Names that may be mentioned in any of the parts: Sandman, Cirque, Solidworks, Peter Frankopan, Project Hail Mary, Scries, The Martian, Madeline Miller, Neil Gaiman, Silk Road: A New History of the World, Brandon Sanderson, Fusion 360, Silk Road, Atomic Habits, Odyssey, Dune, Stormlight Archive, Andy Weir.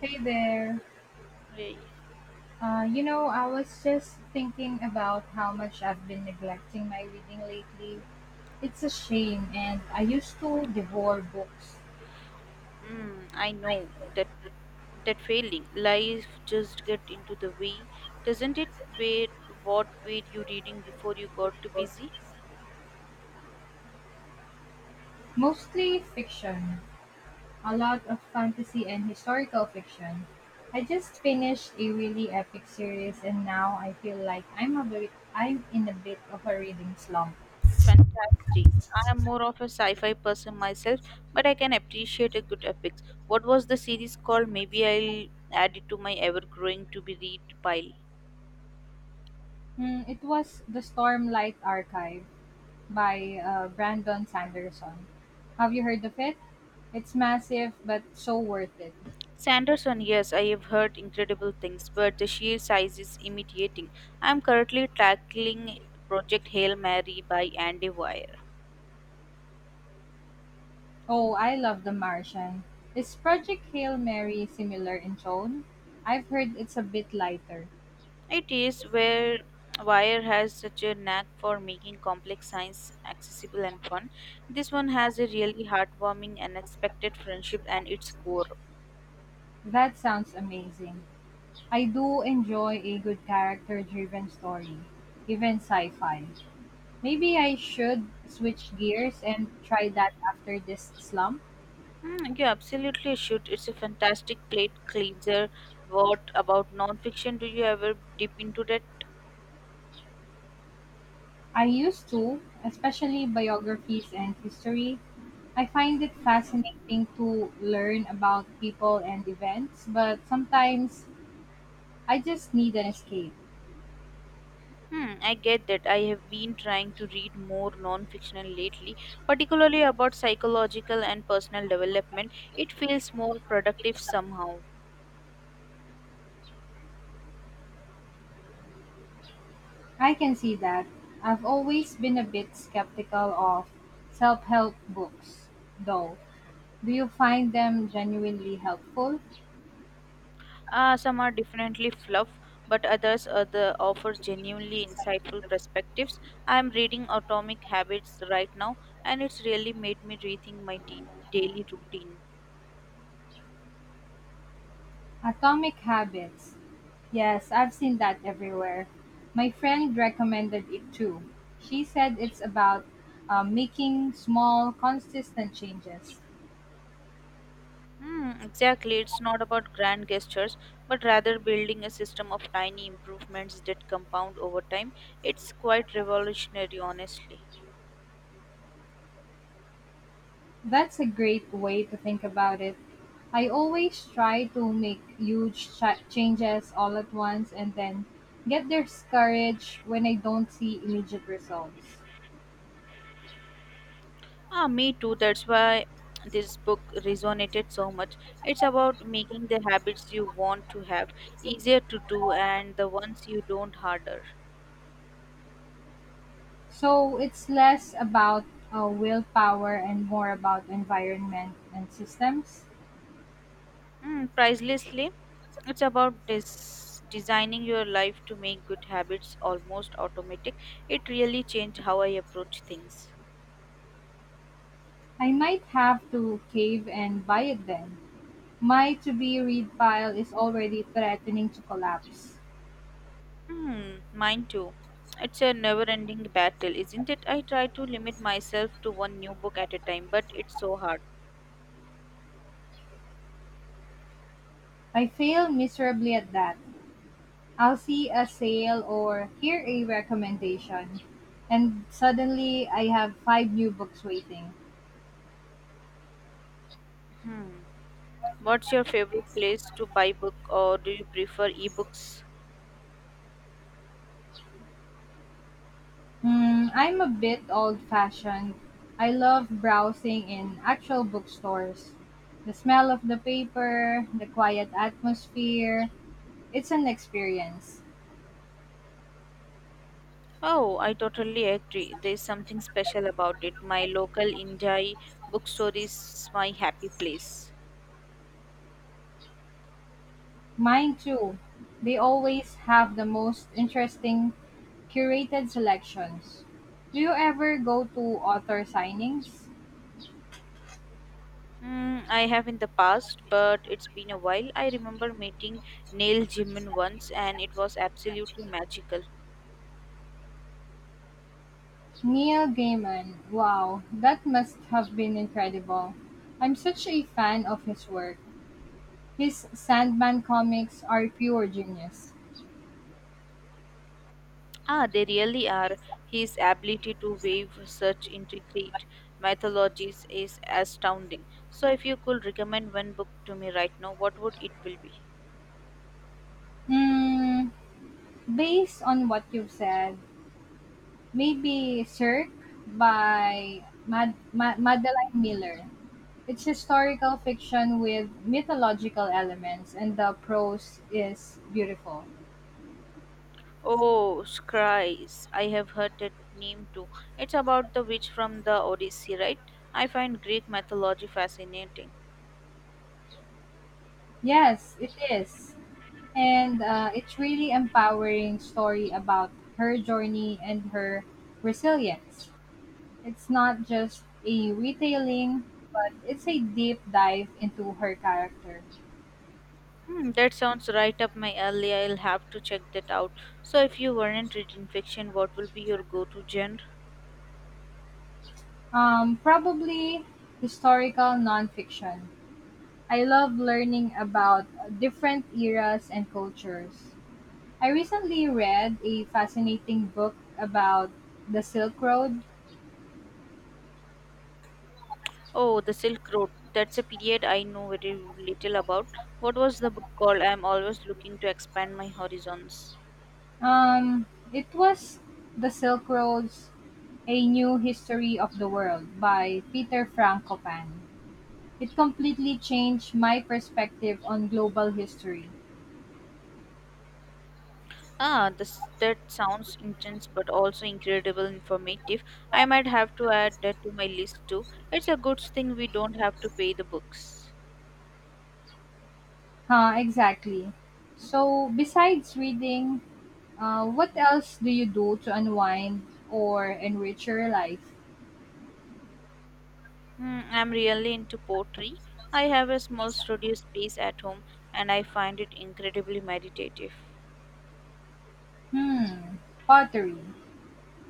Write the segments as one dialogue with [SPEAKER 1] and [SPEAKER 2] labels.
[SPEAKER 1] Hey there.
[SPEAKER 2] Like,
[SPEAKER 1] I was just thinking about how much I've been neglecting my reading lately. It's a shame, and I used to devour books,
[SPEAKER 2] mm, I know that that failing life just get into the way, doesn't it? Wait, what were you reading before you got too busy?
[SPEAKER 1] mostly fiction, a lot of fantasy and historical fiction. I just finished a really epic series, and now I feel like I'm in a bit of a reading slump.
[SPEAKER 2] Fantastic. I am more of a sci-fi person myself, but I can appreciate a good epics. What was the series called? Maybe I'll add it to my ever-growing to-be-read pile.
[SPEAKER 1] Hmm, it was the Stormlight Archive. By Brandon Sanderson. Have you heard of it? It's massive, but so worth it.
[SPEAKER 2] Sanderson, yes, I have heard incredible things, but the sheer size is intimidating. I am currently tackling Project Hail Mary by Andy Weir.
[SPEAKER 1] Oh, I love The Martian. Is Project Hail Mary similar in tone? I've heard it's a bit lighter.
[SPEAKER 2] It is where Wire has such a knack for making complex science accessible and fun. This one has a really heartwarming and unexpected friendship and its core.
[SPEAKER 1] That sounds amazing. I do enjoy a good character driven story, even sci fi. Maybe I should switch gears and try that after this slump.
[SPEAKER 2] Mm, you absolutely should. It's a fantastic plate cleanser. What about nonfiction? Do you ever dip into that?
[SPEAKER 1] I used to, especially biographies and history, I find it fascinating to learn about people and events, but sometimes I just need an escape.
[SPEAKER 2] Hmm, I get that. I have been trying to read more non-fictional lately, particularly about psychological and personal development. It feels more productive somehow.
[SPEAKER 1] I can see that. I've always been a bit skeptical of self help books, though. Do you find them genuinely helpful?
[SPEAKER 2] Some are definitely fluff, but others, the offer genuinely insightful perspectives. I am reading Atomic Habits right now, and it's really made me rethink my daily routine.
[SPEAKER 1] Atomic Habits. Yes, I've seen that everywhere. My friend recommended it too. She said it's about making small, consistent changes.
[SPEAKER 2] Hmm, exactly. It's not about grand gestures, but rather building a system of tiny improvements that compound over time. It's quite revolutionary, honestly.
[SPEAKER 1] That's a great way to think about it. I always try to make huge changes all at once and then get discouraged when I don't see immediate results.
[SPEAKER 2] Ah, me too. That's why this book resonated so much. It's about making the habits you want to have easier to do and the ones you don't harder.
[SPEAKER 1] So it's less about willpower and more about environment and systems.
[SPEAKER 2] Mm, pricelessly, it's about designing your life to make good habits almost automatic. It really changed how I approach things.
[SPEAKER 1] I might have to cave and buy it then. My to be read file is already threatening to collapse.
[SPEAKER 2] Hmm, mine too. It's a never ending battle, isn't it? I try to limit myself to one new book at a time, but it's so hard.
[SPEAKER 1] I fail miserably at that. I'll see a sale or hear a recommendation, and suddenly I have five new books waiting.
[SPEAKER 2] Hmm. What's your favorite place to buy book or do you prefer ebooks?
[SPEAKER 1] Mm, I'm a bit old fashioned. I love browsing in actual bookstores. The smell of the paper, the quiet atmosphere, it's an experience.
[SPEAKER 2] Oh, I totally agree. There's something special about it. My local Injai bookstore is my happy place.
[SPEAKER 1] Mine too. They always have the most interesting curated selections. Do you ever go to author signings?
[SPEAKER 2] Mm, I have in the past, but it's been a while. I remember meeting Neil Gaiman once, and it was absolutely magical.
[SPEAKER 1] Neil Gaiman: wow, that must have been incredible. I'm such a fan of his work. His Sandman comics are pure genius.
[SPEAKER 2] Ah, they really are. His ability to weave such intricate mythologies is astounding. So, if you could recommend one book to me right now, what would it will be?
[SPEAKER 1] Mm, based on what you've said, maybe Cirque by Madeline Miller. It's historical fiction with mythological elements, and the prose is beautiful.
[SPEAKER 2] Oh, Scries. I have heard that name too. It's about the witch from the Odyssey, right? I find Greek mythology fascinating.
[SPEAKER 1] Yes, it is. And it's really empowering story about her journey and her resilience. It's not just a retelling, but it's a deep dive into her character.
[SPEAKER 2] Hmm, that sounds right up my alley. I'll have to check that out. So, if you weren't reading fiction, what will be your go to genre?
[SPEAKER 1] Probably historical nonfiction. I love learning about different eras and cultures. I recently read a fascinating book about the Silk Road.
[SPEAKER 2] Oh, the Silk Road. That's a period I know very little about. What was the book called? I'm always looking to expand my horizons.
[SPEAKER 1] Um, it was the Silk Road's A New History of the World by Peter Frankopan. It completely changed my perspective on global history.
[SPEAKER 2] Ah, this, that sounds intense but also incredible informative. I might have to add that to my list too. It's a good thing we don't have to pay the books.
[SPEAKER 1] Huh, exactly. So, besides reading, what else do you do to unwind or enrich your life?
[SPEAKER 2] Hmm, I'm really into pottery. I have a small studio space at home and I find it incredibly meditative.
[SPEAKER 1] Hmm, pottery.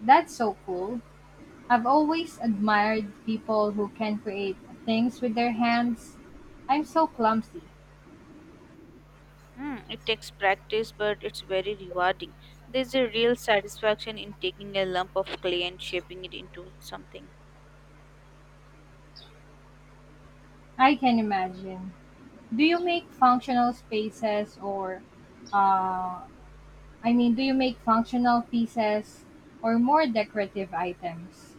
[SPEAKER 1] That's so cool. I've always admired people who can create things with their hands. I'm so clumsy.
[SPEAKER 2] Hmm, it takes practice but it's very rewarding. There's a real satisfaction in taking a lump of clay and shaping it into something.
[SPEAKER 1] I can imagine. Do you make functional spaces or uh, do you make functional pieces or more decorative items?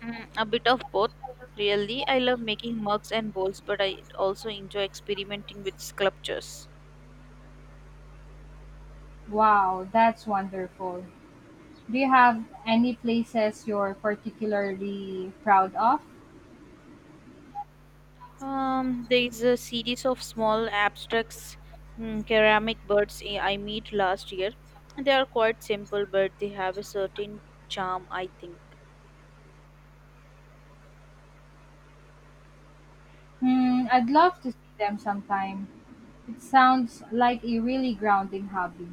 [SPEAKER 2] Mm, a bit of both, really. I love making mugs and bowls, but I also enjoy experimenting with sculptures.
[SPEAKER 1] Wow, that's wonderful. Do you have any places you're particularly proud of?
[SPEAKER 2] There is a series of small abstracts, mm, ceramic birds I made last year. They are quite simple, but they have a certain charm, I think.
[SPEAKER 1] Hmm, I'd love to see them sometime. It sounds like a really grounding hobby.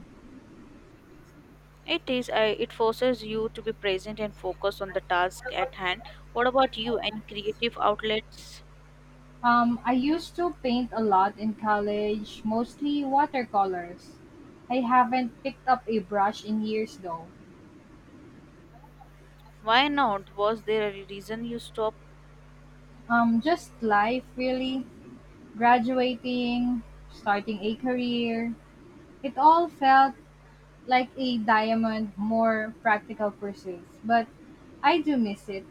[SPEAKER 2] It is. I It forces you to be present and focus on the task at hand. What about you? Any creative outlets?
[SPEAKER 1] I used to paint a lot in college, mostly watercolors. I haven't picked up a brush in years though.
[SPEAKER 2] Why not? Was there a reason you stopped?
[SPEAKER 1] Just life really. Graduating, starting a career. It all felt like a diamond, more practical pursuits. But I do miss it.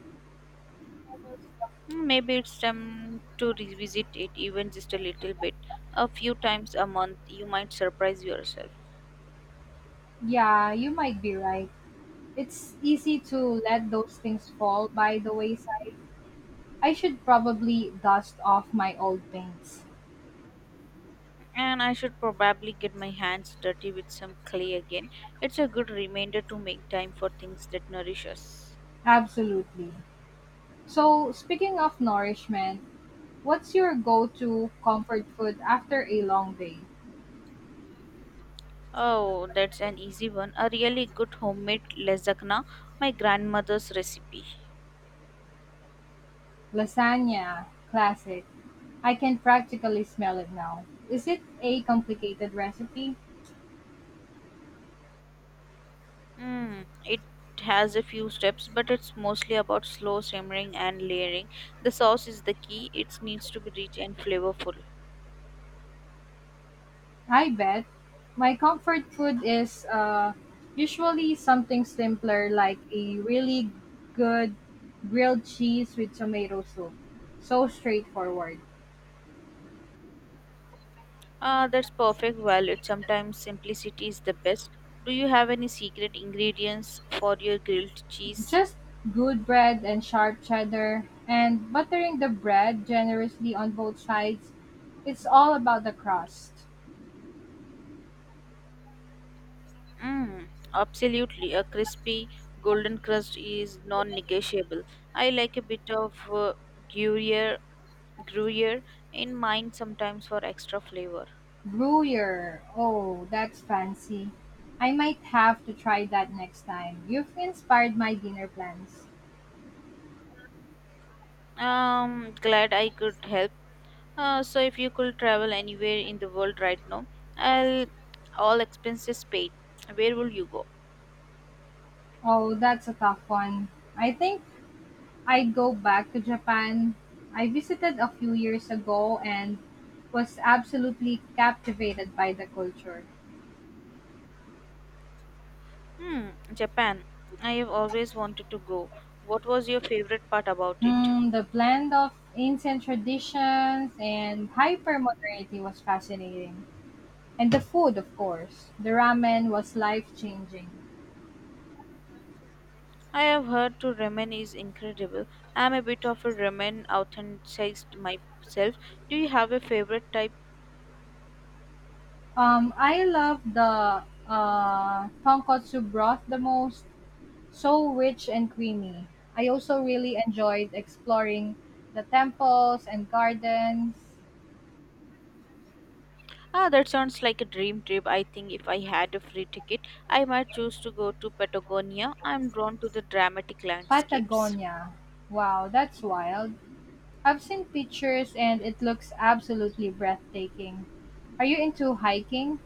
[SPEAKER 2] Hmm, maybe it's time to revisit it even just a little bit. A few times a month, you might surprise yourself.
[SPEAKER 1] Yeah, you might be right. It's easy to let those things fall by the wayside. I should probably dust off my old paints.
[SPEAKER 2] And I should probably get my hands dirty with some clay again. It's a good reminder to make time for things that nourish us.
[SPEAKER 1] Absolutely. So, speaking of nourishment, what's your go to comfort food after a long day?
[SPEAKER 2] Oh, that's an easy one. A really good homemade lasagna, my grandmother's recipe.
[SPEAKER 1] Lasagna, classic. I can practically smell it now. Is it a complicated recipe?
[SPEAKER 2] Mm, it has a few steps, but it's mostly about slow simmering and layering. The sauce is the key, it needs to be rich and flavorful.
[SPEAKER 1] I bet. My comfort food is usually something simpler like a really good grilled cheese with tomato soup. So straightforward.
[SPEAKER 2] Ah, that's perfect. Violet. Sometimes simplicity is the best. Do you have any secret ingredients for your grilled cheese?
[SPEAKER 1] Just good bread and sharp cheddar and buttering the bread generously on both sides. It's all about the crust.
[SPEAKER 2] Mm, absolutely. A crispy golden crust is non-negotiable. I like a bit of gruyere, gruyere in mine sometimes for extra flavor.
[SPEAKER 1] Gruyere. Oh, that's fancy. I might have to try that next time. You've inspired my dinner plans.
[SPEAKER 2] Glad I could help. So if you could travel anywhere in the world right now, I'll all expenses paid. Where will you go?
[SPEAKER 1] Oh, that's a tough one. I think I'd go back to Japan. I visited a few years ago and was absolutely captivated by the culture.
[SPEAKER 2] Hmm, Japan. I have always wanted to go. What was your favorite part about it?
[SPEAKER 1] Hmm, the blend of ancient traditions and hypermodernity was fascinating. And the food, of course. The ramen was life changing.
[SPEAKER 2] I have heard to ramen is incredible. I am a bit of a ramen enthusiast myself. Do you have a favorite type?
[SPEAKER 1] I love the tonkotsu broth the most, so rich and creamy. I also really enjoyed exploring the temples and gardens.
[SPEAKER 2] Ah, that sounds like a dream trip. I think if I had a free ticket, I might choose to go to Patagonia. I am drawn to the dramatic landscapes.
[SPEAKER 1] Patagonia. Wow, that's wild. I've seen pictures and it looks absolutely breathtaking. Are you into hiking?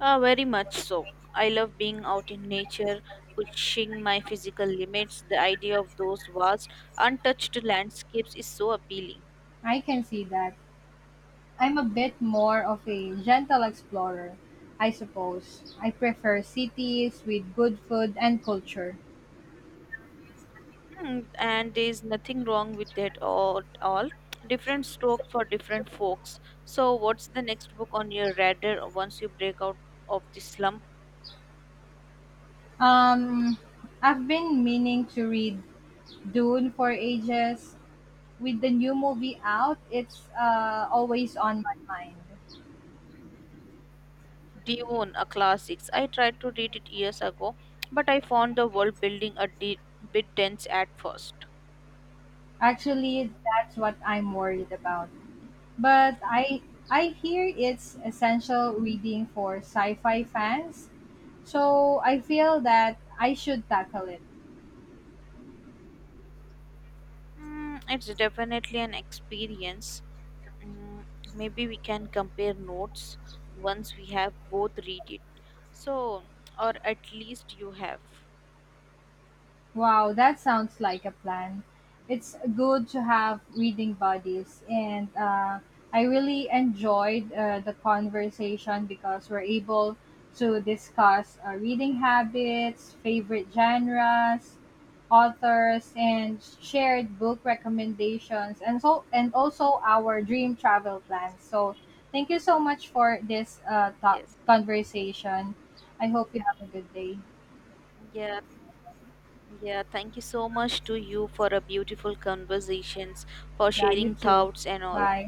[SPEAKER 2] Very much so. I love being out in nature, pushing my physical limits. The idea of those vast, untouched landscapes is so appealing.
[SPEAKER 1] I can see that. I'm a bit more of a gentle explorer, I suppose. I prefer cities with good food and culture.
[SPEAKER 2] Mm, and there is nothing wrong with that all, at all. Different strokes for different folks. So, what's the next book on your radar once you break out of the slump?
[SPEAKER 1] Um, I've been meaning to read Dune for ages. With the new movie out, it's always on my mind.
[SPEAKER 2] Dune, a classics. I tried to read it years ago, but I found the world building a bit dense at first.
[SPEAKER 1] Actually, that's what I'm worried about. But I hear it's essential reading for sci-fi fans, so I feel that I should tackle it.
[SPEAKER 2] Mm, it's definitely an experience. Mm, maybe we can compare notes once we have both read it, so, or at least you have.
[SPEAKER 1] Wow, that sounds like a plan. It's good to have reading buddies, and I really enjoyed the conversation because we're able to discuss reading habits, favorite genres, authors, and shared book recommendations, and so and also our dream travel plans. So, thank you so much for this
[SPEAKER 2] Yes.
[SPEAKER 1] conversation. I hope you have a good day.
[SPEAKER 2] Yeah, yeah, thank you so much to you for a beautiful conversations, for
[SPEAKER 1] Yeah, you
[SPEAKER 2] sharing
[SPEAKER 1] too.
[SPEAKER 2] thoughts and all.
[SPEAKER 1] Bye.